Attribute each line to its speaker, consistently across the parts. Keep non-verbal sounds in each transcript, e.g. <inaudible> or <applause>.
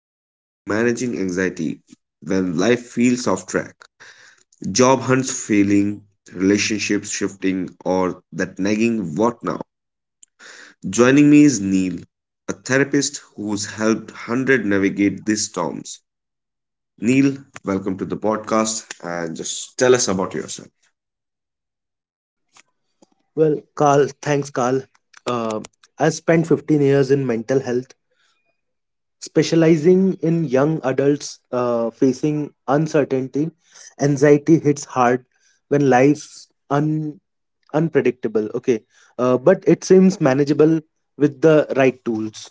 Speaker 1: deep into managing anxiety when life feels off track. Job hunts failing, relationships shifting, or that nagging what now? Joining me is Neil, a therapist who's helped 100 navigate these storms. Neil, welcome to the podcast and just tell us about yourself.
Speaker 2: Well, Carl, thanks, Carl. Uh, I spent 15 years in mental health, specializing in young adults facing uncertainty. Anxiety hits hard when unpredictable. Okay, but it seems manageable with the right tools.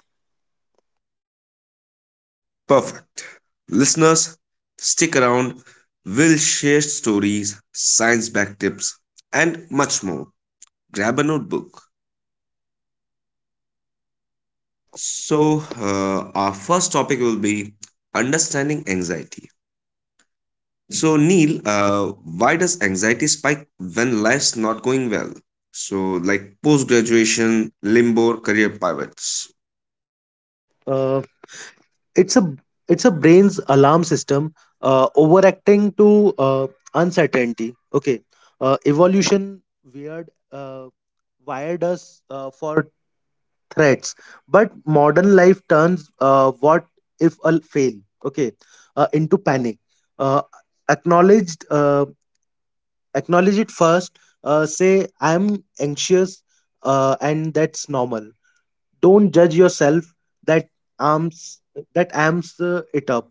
Speaker 1: Perfect. Listeners, stick around. We'll share stories, science back tips, and much more. Grab a notebook. So, our first topic will be understanding anxiety. So, Neil, why does anxiety spike when life's not going well? So, like post graduation, limbo, career pivots.
Speaker 2: So, it's a it's a brain's alarm system overacting to uncertainty. Okay. Evolution weird wired us for threats, but modern life turns what if a fail, okay, into panic. uh, acknowledged uh, Acknowledge it first. Say I am anxious, and that's normal. Don't judge yourself. That arms that amps it up.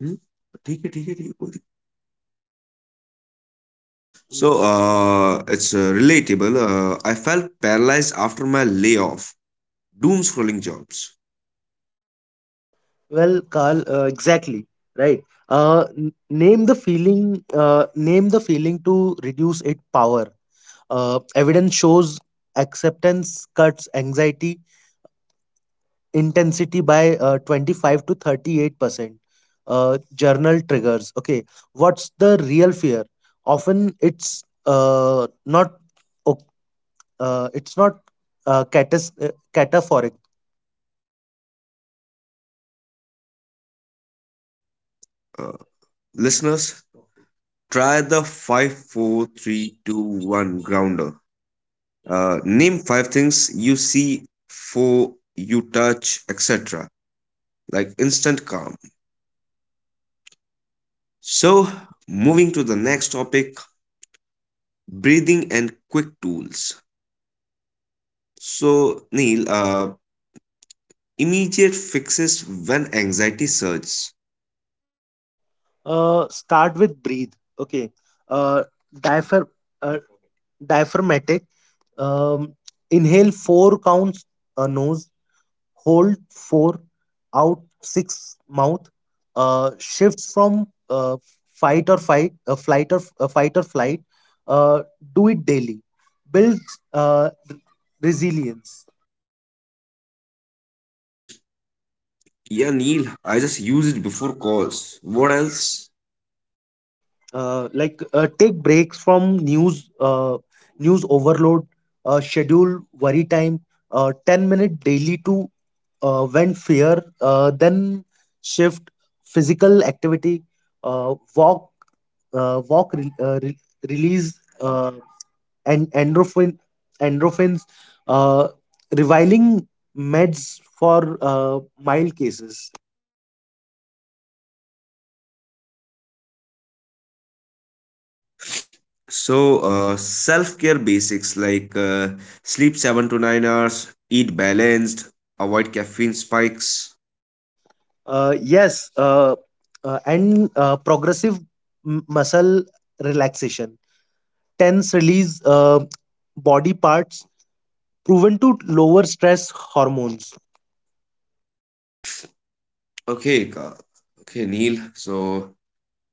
Speaker 1: Hmm? ठीक है ठीक है ठीक है, कोई दिक्कत नहीं। So, it's relatable. I felt paralyzed after my layoff. Doom scrolling jobs.
Speaker 2: Well, Carl, exactly right. Name the feeling. Name the feeling to reduce its power. Evidence shows acceptance cuts anxiety intensity by 25 to 38%. Journal triggers. Okay, what's the real fear? Often o- it's not uh, catas- uh, cataphoric.
Speaker 1: Uh, listeners, try the 5-4-3-2-1 grounder. Name five things you see, four you touch, etc. Like instant calm. So, moving to the next topic breathing and quick tools. So, Neil, immediate fixes when anxiety surges.
Speaker 2: Start with breathe. Okay. Uh, diaphrag- uh, Diaphragmatic. Um, Inhale four counts nose. Hold four. Out six mouth. Shifts from fight or fight, flight or f- fight or flight. Uh, do it daily. Build uh, r- resilience.
Speaker 1: Yeah, Neil, I just use it before calls. What else?
Speaker 2: Like take breaks from news overload. Schedule worry time, 10-minute daily, to vent fear, then shift. Physical activity, uh, walk uh, walk re- uh, re- release and endorphin endorphins uh, Reviling meds for mild cases.
Speaker 1: So, self care basics like sleep 7 to 9 hours, eat balanced, avoid caffeine spikes.
Speaker 2: Yes, and progressive muscle relaxation, tense release body parts, proven to lower stress hormones.
Speaker 1: Okay, okay, Neil. So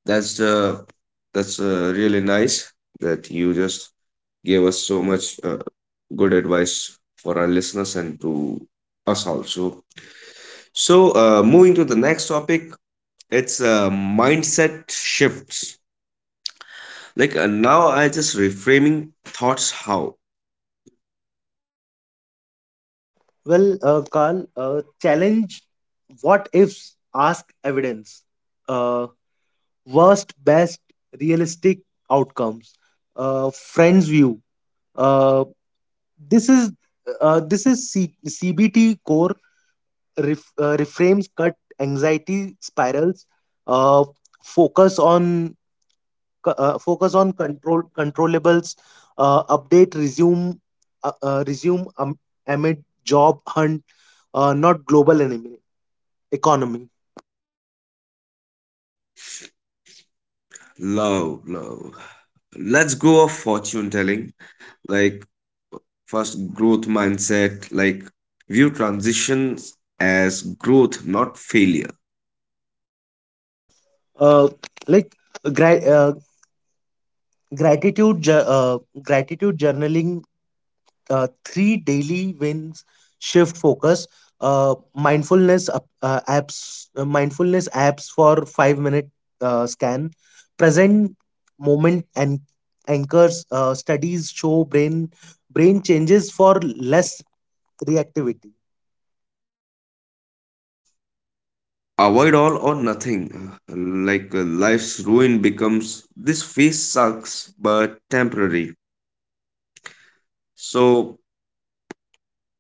Speaker 1: that's really nice that you just gave us so much good advice for our listeners and to us also. So, moving to the next topic, it's mindset shifts. Like now, I just reframing thoughts how.
Speaker 2: Well, Carl, challenge what ifs, ask evidence, uh, worst, best, realistic outcomes, friends view. Uh, this is this is CBT core. Reframes cut anxiety spirals. uh, Focus on controllables Update resume, uh, uh, resume um, amid job hunt, not global enemy economy
Speaker 1: Love, love. Let's go of fortune telling. Like first growth mindset, like view transitions as growth, not failure.
Speaker 2: uh, like gra- Gratitude, gratitude journaling, three daily wins, shift focus. Mindfulness apps for 5 minute scan, present moment and anchors. Studies show brain changes for less reactivity.
Speaker 1: Avoid all or nothing. Like life's ruin becomes this phase sucks but temporary. So,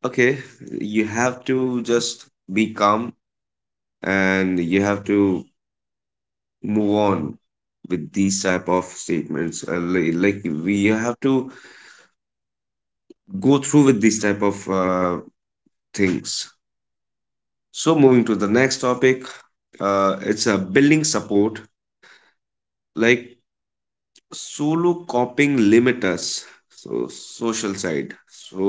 Speaker 1: okay, you have to just be calm and you have to move on with these type of statements. Like we have to go through with these type of things. So moving to the next topic, it's a building support, like solo coping limiters. So social side, so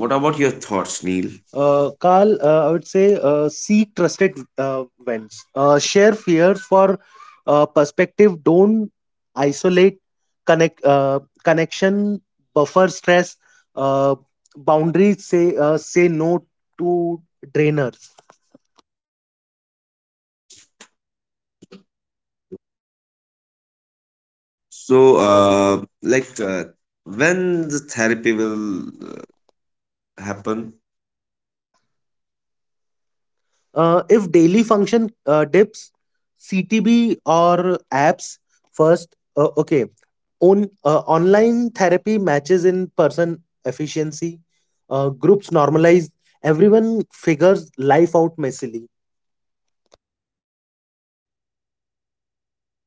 Speaker 1: what
Speaker 2: What
Speaker 1: about your
Speaker 2: your
Speaker 1: thoughts,
Speaker 2: thoughts? Neil?
Speaker 1: Neil?
Speaker 2: Carl, I would say seek trusted vents. Share fears for perspective. Don't isolate. Connection. Buffer stress. Uh, Boundaries. Say no to drainers.
Speaker 1: So like when the therapy will uh, happen.
Speaker 2: If daily function dips, CTB or apps first. Okay, on online therapy matches in person efficiency. Groups normalize. Everyone figures life out messily.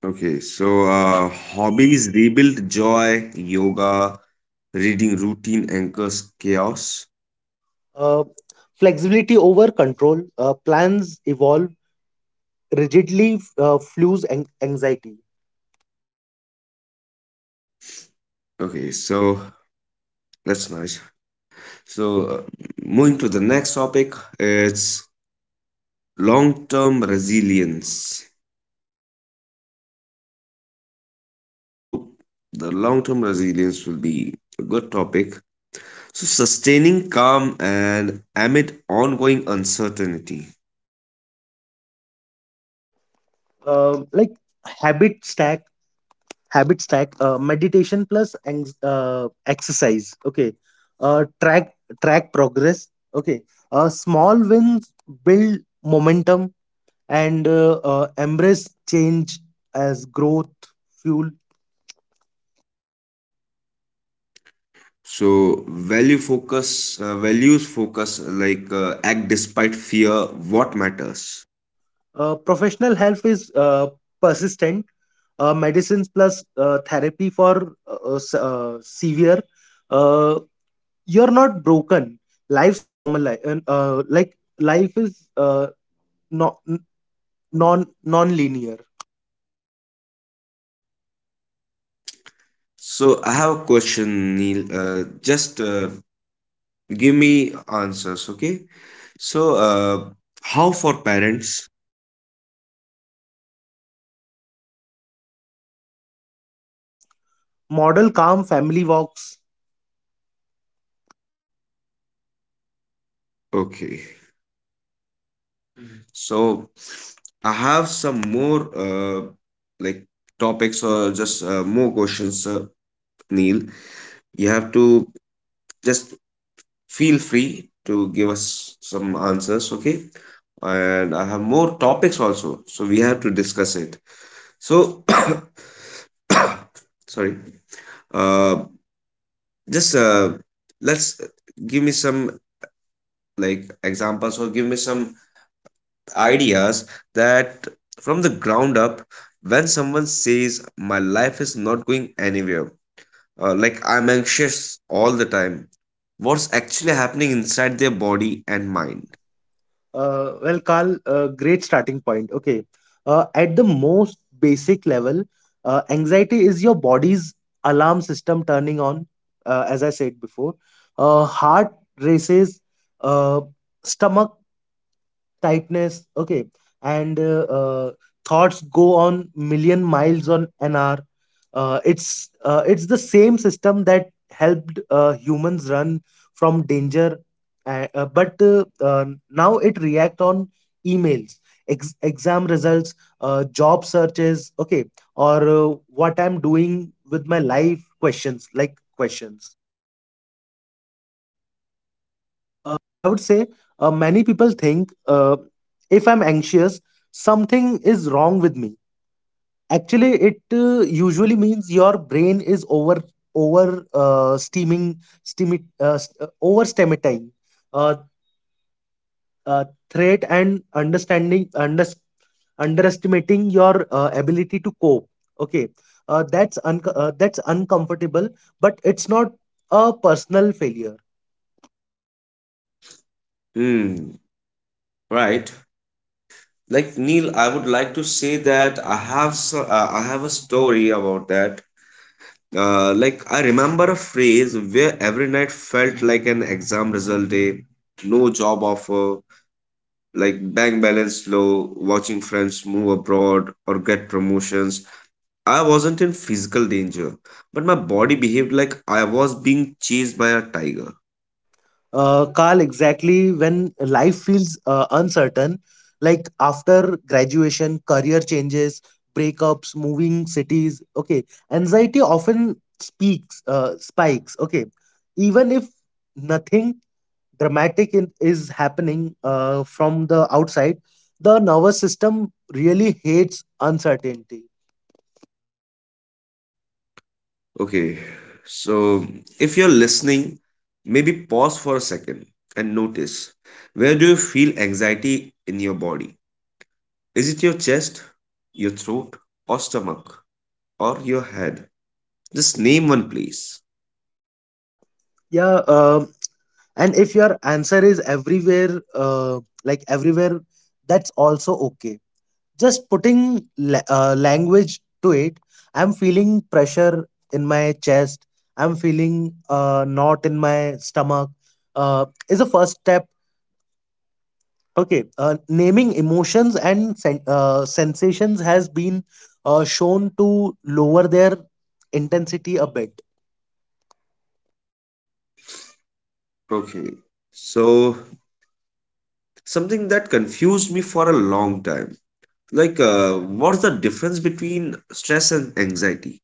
Speaker 1: Okay, so hobbies rebuild joy, yoga, reading, routine anchors chaos.
Speaker 2: Uh, Flexibility over control. Plans evolve rigidly. Flues anxiety.
Speaker 1: Okay, so that's nice. So, moving to the next topic, it's long term resilience. So, the long term resilience will be a good topic. So, sustaining calm and amid ongoing uncertainty.
Speaker 2: Um like habit stack habit stack. Meditation plus exercise. Okay. uh, track Track progress. Okay. Small wins build momentum, and embrace change as growth fuel.
Speaker 1: So, values focus, like act despite fear, what matters.
Speaker 2: Professional health is persistent. Medicines plus therapy for severe. uh, you're not broken. Life's normal li- like Life is not non non-linear.
Speaker 1: So, I have a question, Neil. Just give me answers, okay? So, how for parents.
Speaker 2: Model calm family walks.
Speaker 1: Okay. So I have some more like topics or just more questions, Neil. You have to just feel free to give us some answers, okay? And I have more topics also, so we have to discuss it. So, <coughs> sorry. Uh, just let's give me some like examples or give me some ideas that from the ground up, when someone says my life is not going anywhere, like I'm anxious all the time, what's actually happening inside their body and mind?
Speaker 2: Well, Carl, great starting point. Okay. At the most basic level, anxiety is your body's alarm system turning on, as I said before. Heart races, uh, stomach tightness, okay, and thoughts go on million miles on an hour. It's the same system that helped humans run from danger, but now it react on emails, exam results, job searches, okay, or what I'm doing with my life questions. I would say many people think, if I'm anxious, something is wrong with me. Actually, it usually means your brain is over over steaming steamy st- over stimulating uh, threat and underestimating your ability to cope. Okay, that's uncomfortable, but it's not a personal failure.
Speaker 1: Hmm. Right, like, Neil, I would like to say that I have a story about that. Like I remember a phrase where every night felt like an exam result day, no job offer, like bank balance low, watching friends move abroad or get promotions. I wasn't in physical danger, but my body behaved like I was being chased by a tiger.
Speaker 2: Carl, exactly, when life feels uncertain, like after graduation, career changes, breakups, moving cities, okay, anxiety often spikes, okay, even if nothing dramatic is happening from the outside, the nervous system really hates uncertainty.
Speaker 1: Okay, so if you're listening, maybe pause for a second and notice, where do you feel anxiety in your body? Is it your chest, your throat, or stomach, or your head? Just name one place.
Speaker 2: Yeah, and if your answer is everywhere, everywhere, that's also okay. Just putting language to it, I'm feeling pressure in my chest. I'm feeling a knot in my stomach. Is a first step. Okay, naming emotions and sensations has been shown to lower their intensity a bit.
Speaker 1: Okay. So, something that confused me for a long time. Like what's the difference between stress and anxiety?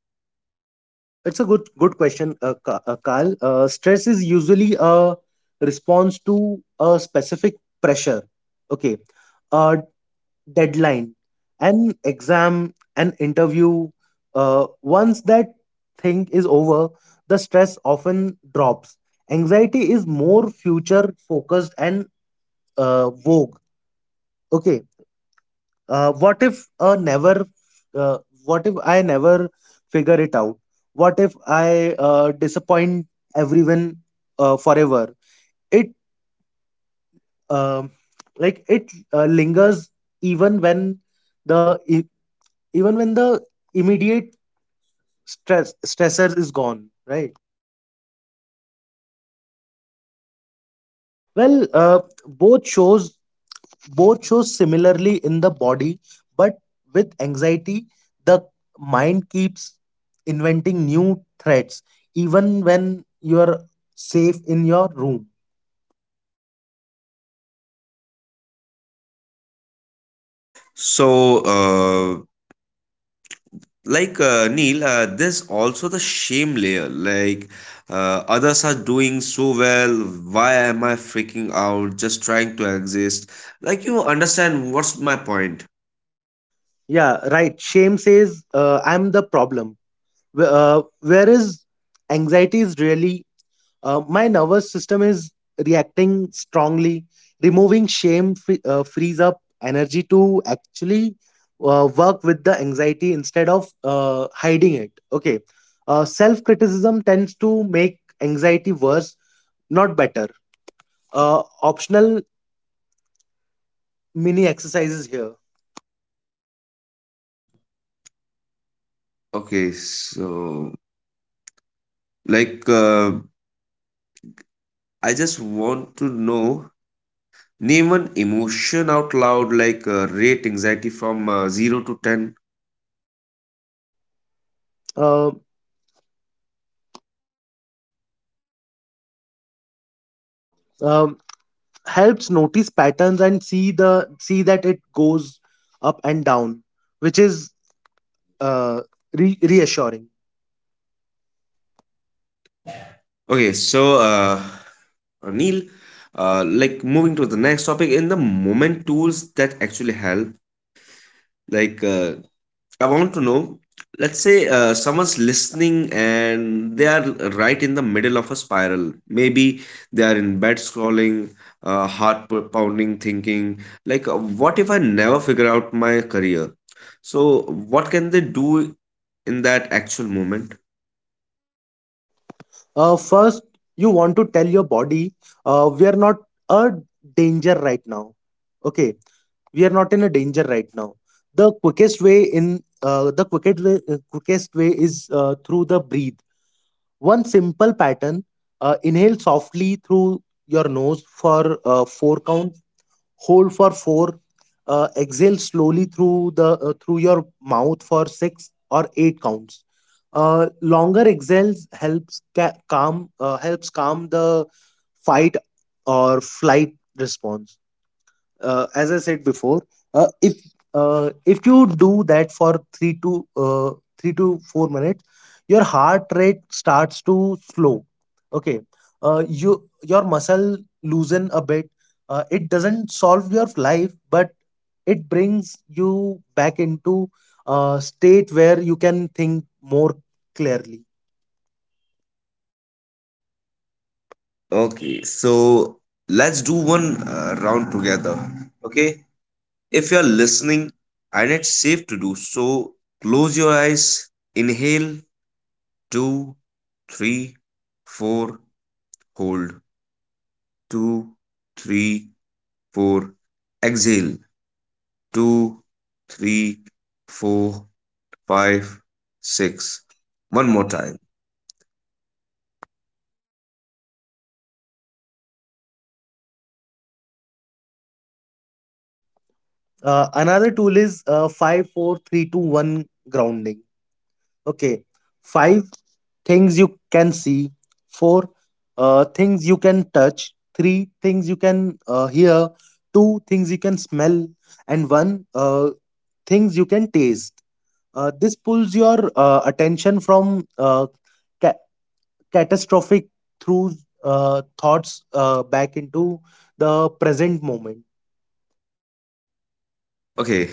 Speaker 2: It's a good question, Carl. Stress is usually a response to a specific pressure. Okay, uh, deadline, an exam, an interview. Once that thing is over, the stress often drops. Anxiety is more future focused and vogue. Okay, what if a never? Uh, what if I never figure it out? What if I disappoint everyone forever? It um it lingers even the e- even when the immediate stressors is gone, right? Well, both shows both shows similarly in the body, but with anxiety the mind keeps inventing new threats even when you're safe in your room.
Speaker 1: So uh, like Neil, there's also the shame layer, like others are doing so well, why am I freaking out just trying to exist, like you understand what's my point?
Speaker 2: Yeah, right, shame says, I'm the problem. Whereas anxiety is really, my nervous system is reacting strongly. Removing shame frees up energy to actually work with the anxiety instead of hiding it. Okay. Self criticism tends to make anxiety worse, not better. Optional mini exercises here.
Speaker 1: Okay, so like I just want to know, name an emotion out loud, like rate anxiety from 0 to 10.
Speaker 2: Uh, um, Helps notice patterns and see the see that it goes up and down, which is uh, reassuring.
Speaker 1: Okay, so Neil, like moving to the next topic, in the moment tools that actually help. Like I want to know, let's say someone's listening and they are right in the middle of a spiral. Maybe they are in bed scrolling, heart pounding, thinking like, what if I never figure out my career? So what can they do in that actual moment?
Speaker 2: First, you want to tell your body, we are not a danger right now, okay? We are not in a danger right now. The quickest way in the quickest way is through the breathe. One simple pattern. Inhale softly through your nose for four counts, hold for 4, exhale slowly through the through your mouth for 6 or 8 counts. Longer exhales helps calm the fight or flight response, as I said before. uh, if if you do that for 3 to 4 minutes, your heart rate starts to slow. Okay. You, your muscle loosen a bit. It doesn't solve your life, but it brings you back into a state where you can think more clearly.
Speaker 1: Okay, so let's do one round together. Okay, if you're listening and it's safe to do so, close your eyes, inhale, two, three, four, hold, two, three, four, exhale, two, three, four, five, six. One more time.
Speaker 2: Another tool is 5 four, three, two, one grounding. Okay. Five things you can see. Four things you can touch. Three things you can hear. Two things you can smell. And one things you can taste. This pulls your attention from ca- catastrophic through thoughts back into the present moment.
Speaker 1: Okay,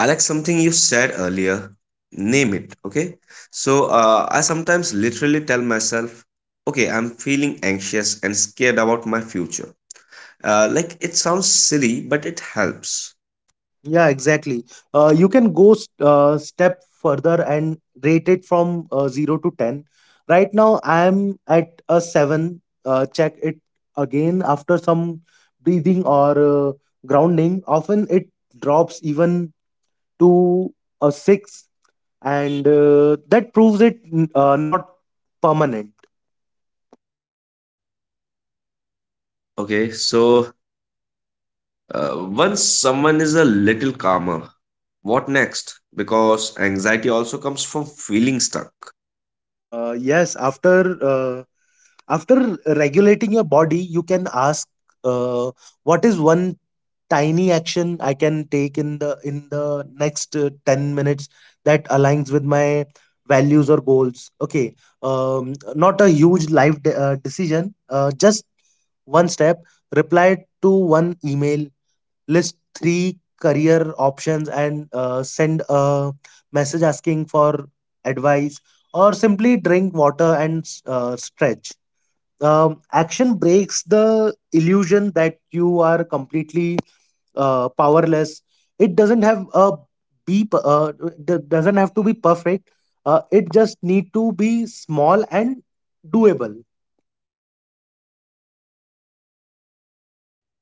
Speaker 1: Alex, something you said earlier, name it, okay? So I sometimes literally tell myself, okay, I'm feeling anxious and scared about my future. Like it sounds silly, but it helps,
Speaker 2: Yeah, exactly. You can go step further and rate it from 0 to 10. Right now, I am at a 7. Check it again after some breathing or grounding. Often it drops even to a 6, and that proves it not permanent.
Speaker 1: okay? So once someone is a little calmer, what next? Because anxiety also comes from feeling stuck.
Speaker 2: Yes, after regulating your body, you can ask, uh, what is one tiny action I can take in the next 10 minutes that aligns with my values or goals. Okay, not a huge life decision, just one step. Reply to one email, list three career options, and send a message asking for advice, or simply drink water and stretch. Action breaks the illusion that you are completely powerless. It doesn't have a be p- uh, d- doesn't have to be perfect. It just need to be small and doable.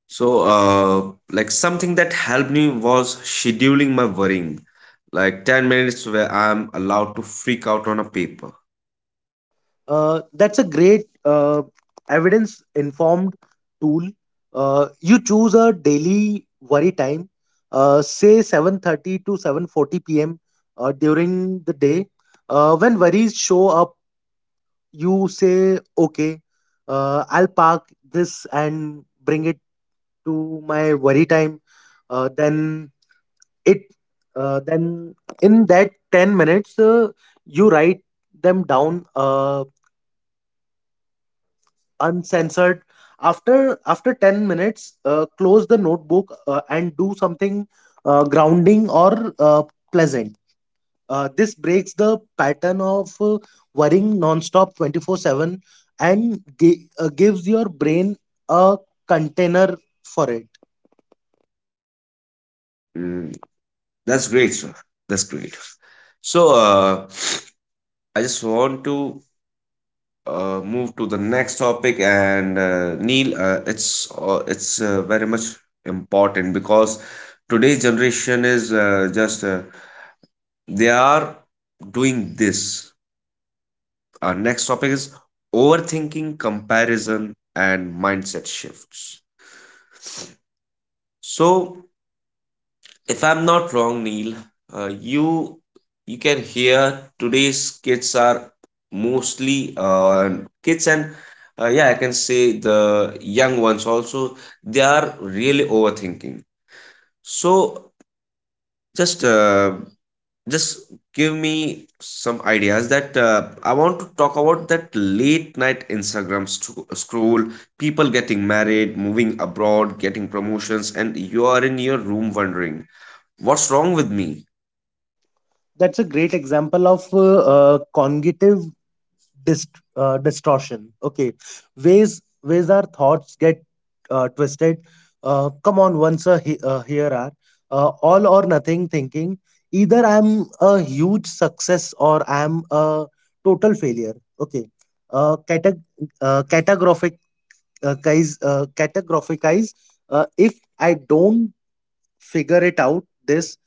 Speaker 1: So like something that helped me was scheduling my worrying, like 10 minutes where I'm allowed to freak out on a paper.
Speaker 2: That's a great evidence informed tool. You choose a daily worry time, say 7:30 to 7:40 p.m. During the day, when worries show up, you say, okay, I'll park this and bring it to my worry time, uh, then it, then in that 10 minutes, you write them down uncensored. After 10 minutes, close the notebook, and do something grounding or uh, pleasant. This breaks the pattern of worrying nonstop 24/7 and gives your brain a container for it.
Speaker 1: Mm, that's great, sir. That's great. So, <sniffs> I just want to move to the next topic, and Neil, it's it's very much important, because today's generation is just they are doing this. Our next topic is overthinking, comparison, and mindset shifts. So. If I'm not wrong, Neil, uh, you you can hear today's kids are mostly kids, and yeah, I can say the young ones also. They are really overthinking. So just give me some ideas, that I want to talk about that late night Instagram scroll, people getting married, moving abroad, getting promotions, and you are in your room wondering what's wrong with me.
Speaker 2: That's a great example of cognitive distortion. Okay, ways our thoughts get twisted. Come on, once a he- Here are all or nothing thinking. Either I'm a huge success or I'm a total failure. Okay, uh, cate- uh, categorific categorifize. If I don't figure it out,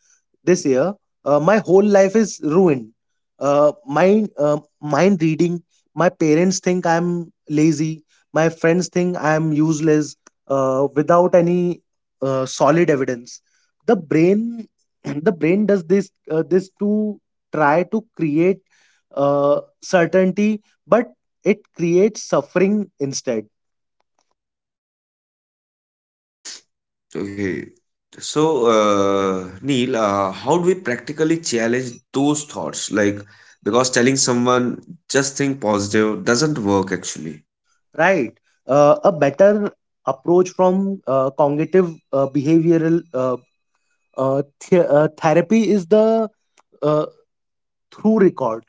Speaker 2: this year my whole life is ruined. My Mind reading, my parents think I'm lazy, my friends think I'm useless, without any solid evidence. The brain <clears throat> the brain does this to try to create certainty, but it creates suffering instead.
Speaker 1: Okay. So, Neil, how do we practically challenge those thoughts? Like, because telling someone just think positive doesn't work actually.
Speaker 2: Right. A better approach from cognitive behavioral Uh, therapy is the uh, through record.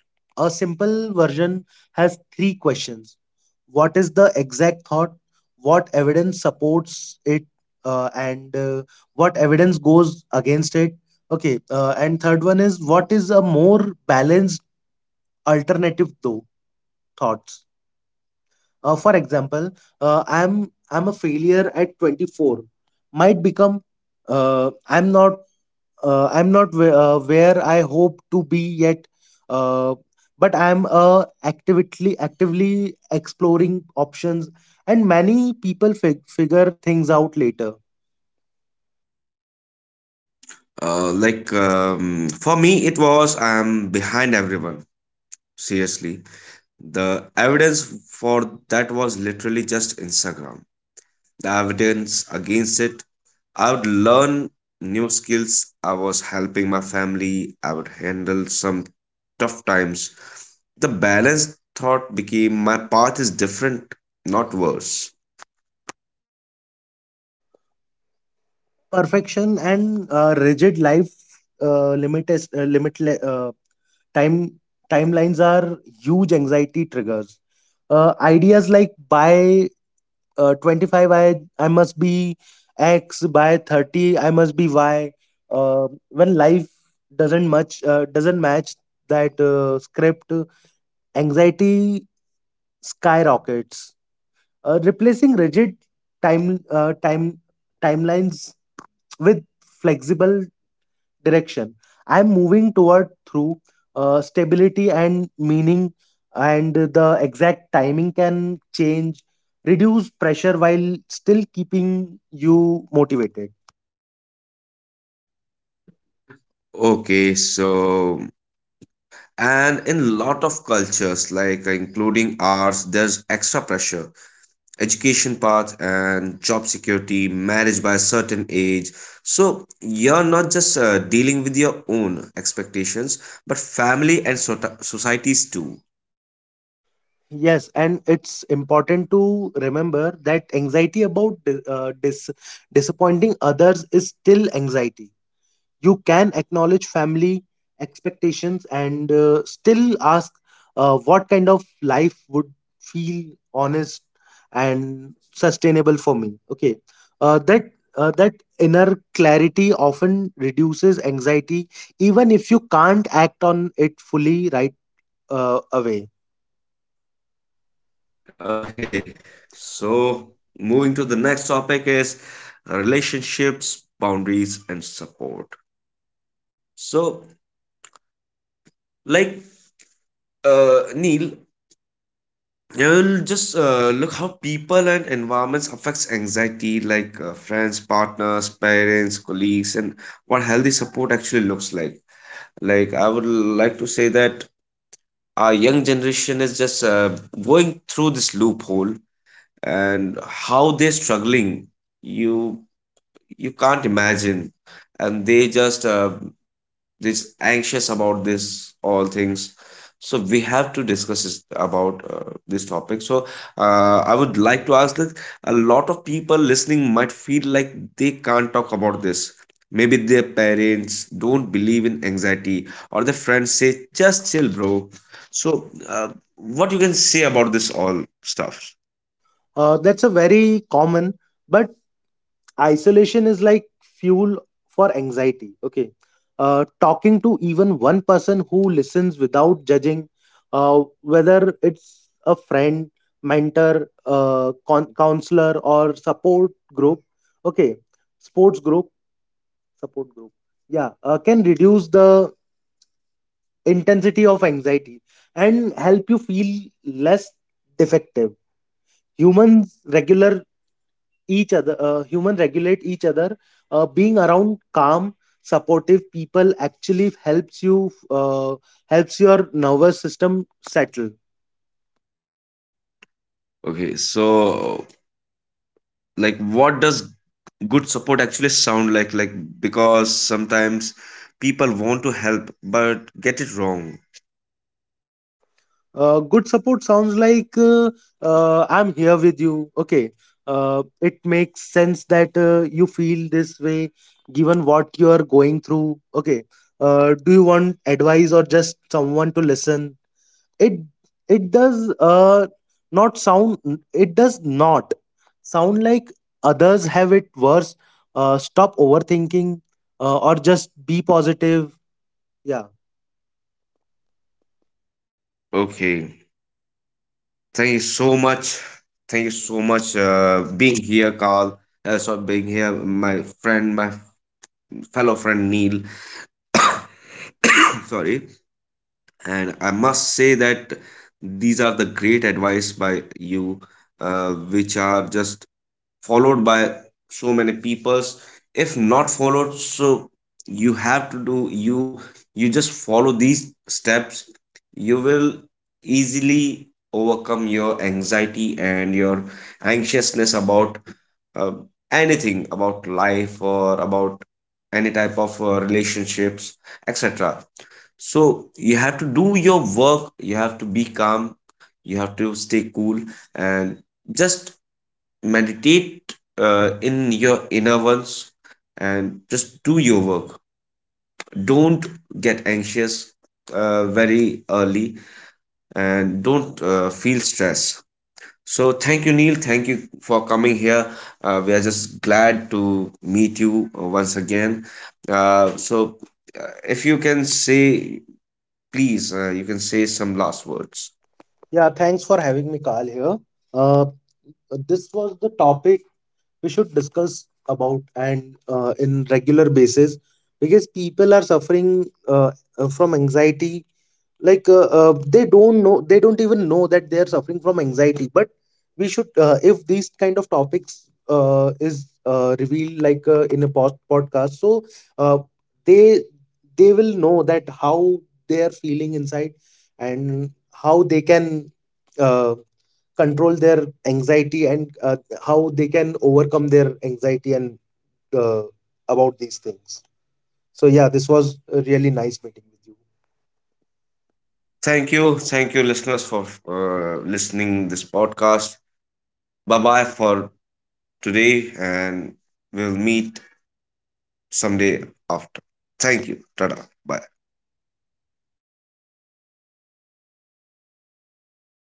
Speaker 2: A simple version has three questions. What is the exact thought? What evidence supports it? And what evidence goes against it? Okay. And third one is, what is a more balanced alternative thoughts? For example, I'm a failure at 24, might become, uh, i'm not I'm not where, where I hope to be yet, uh, but I'm actively exploring options, and many people figure things out later.
Speaker 1: Like, for me, it was I'm behind everyone. Seriously. The evidence for that was literally just Instagram. The evidence against it, I would learn new skills, I was helping my family, I would handle some tough times. The balanced thought became my path is different, not worse.
Speaker 2: Perfection and rigid life limit is- limit le- time timelines are huge anxiety triggers. Ideas like buy 25 I must be x, by 30 I must be y. When life doesn't match that script, anxiety skyrockets. Replacing rigid time uh, time timelines with flexible direction, I'm moving toward through stability and meaning, and the exact timing can change, reduce pressure while still keeping you motivated.
Speaker 1: Okay, so, and in lot of cultures, like including ours, there's extra pressure, education path and job security, marriage by a certain age. So you're not just dealing with your own expectations, but family and societies too.
Speaker 2: Yes, and it's important to remember that anxiety about disappointing others is still anxiety. You can acknowledge family expectations and still ask, what kind of life would feel honest and sustainable for me? Okay, uh, that that inner clarity often reduces anxiety, even if you can't act on it fully right away.
Speaker 1: Okay, so moving to the next topic is relationships, boundaries, and support. So, like Neil, you'll just look how people and environments affects anxiety, like friends, partners, parents, colleagues, and what healthy support actually looks like. Like I would like to say that our young generation is just going through this loophole, and how they're struggling, you you can't imagine, and they just this anxious about this all things, so we have to discuss this about this topic. So I would like to ask that a lot of people listening might feel like they can't talk about this. Maybe their parents don't believe in anxiety, or their friends say just chill, bro. So what you can say about this all stuff?
Speaker 2: That's a very common, but isolation is like fuel for anxiety. Okay, talking to even one person who listens without judging, whether it's a friend, mentor, counselor or support group. Okay, sports group, support group, yeah, can reduce the intensity of anxiety and help you feel less defective. humans regular Human regulate each other. Being around calm supportive people actually helps you helps your nervous system settle.
Speaker 1: Okay, so like, what does good support actually sound like, because sometimes people want to help but get it wrong?
Speaker 2: Good support sounds like, I'm here with you. Okay, it makes sense that you feel this way, given what you are going through. Okay, do you want advice or just someone to listen? It it does uh not sound it does not sound like, others have it worse, stop overthinking, or just be positive. Yeah.
Speaker 1: Okay. Thank you so much. Thank you so much, being here, Carl. Sorry, being here my fellow friend Neil. <coughs> Sorry. And I must say that these are the great advice by you, which are just followed by so many peoples, if not followed. So you have to do, you just follow these steps, you will easily overcome your anxiety and your anxiousness about uh, anything about life or about any type of relationships, etc. So you have to do your work, you have to be calm, you have to stay cool, and just meditate in your inner ones, and just do your work. Don't get anxious very early, and don't feel stress. So thank you, Neil, thank you for coming here. We are just glad to meet you once again. So if you can say, please, you can say some last words.
Speaker 2: Yeah, thanks for having me, Carl, here. uh this was the topic we should discuss about, and in regular basis, because people are suffering from anxiety. They don't even know that they are suffering from anxiety, but we should, if these kind of topics is revealed, in a post podcast, so uh, they they will know that how they are feeling inside and how they can uh, control their anxiety, and how they can overcome their anxiety, and uh, about these things. So yeah, this was a really nice meeting with you.
Speaker 1: Thank you. Thank you, listeners, for listening this podcast. Bye bye for today, and we'll meet someday after. Thank you. Tada. Bye.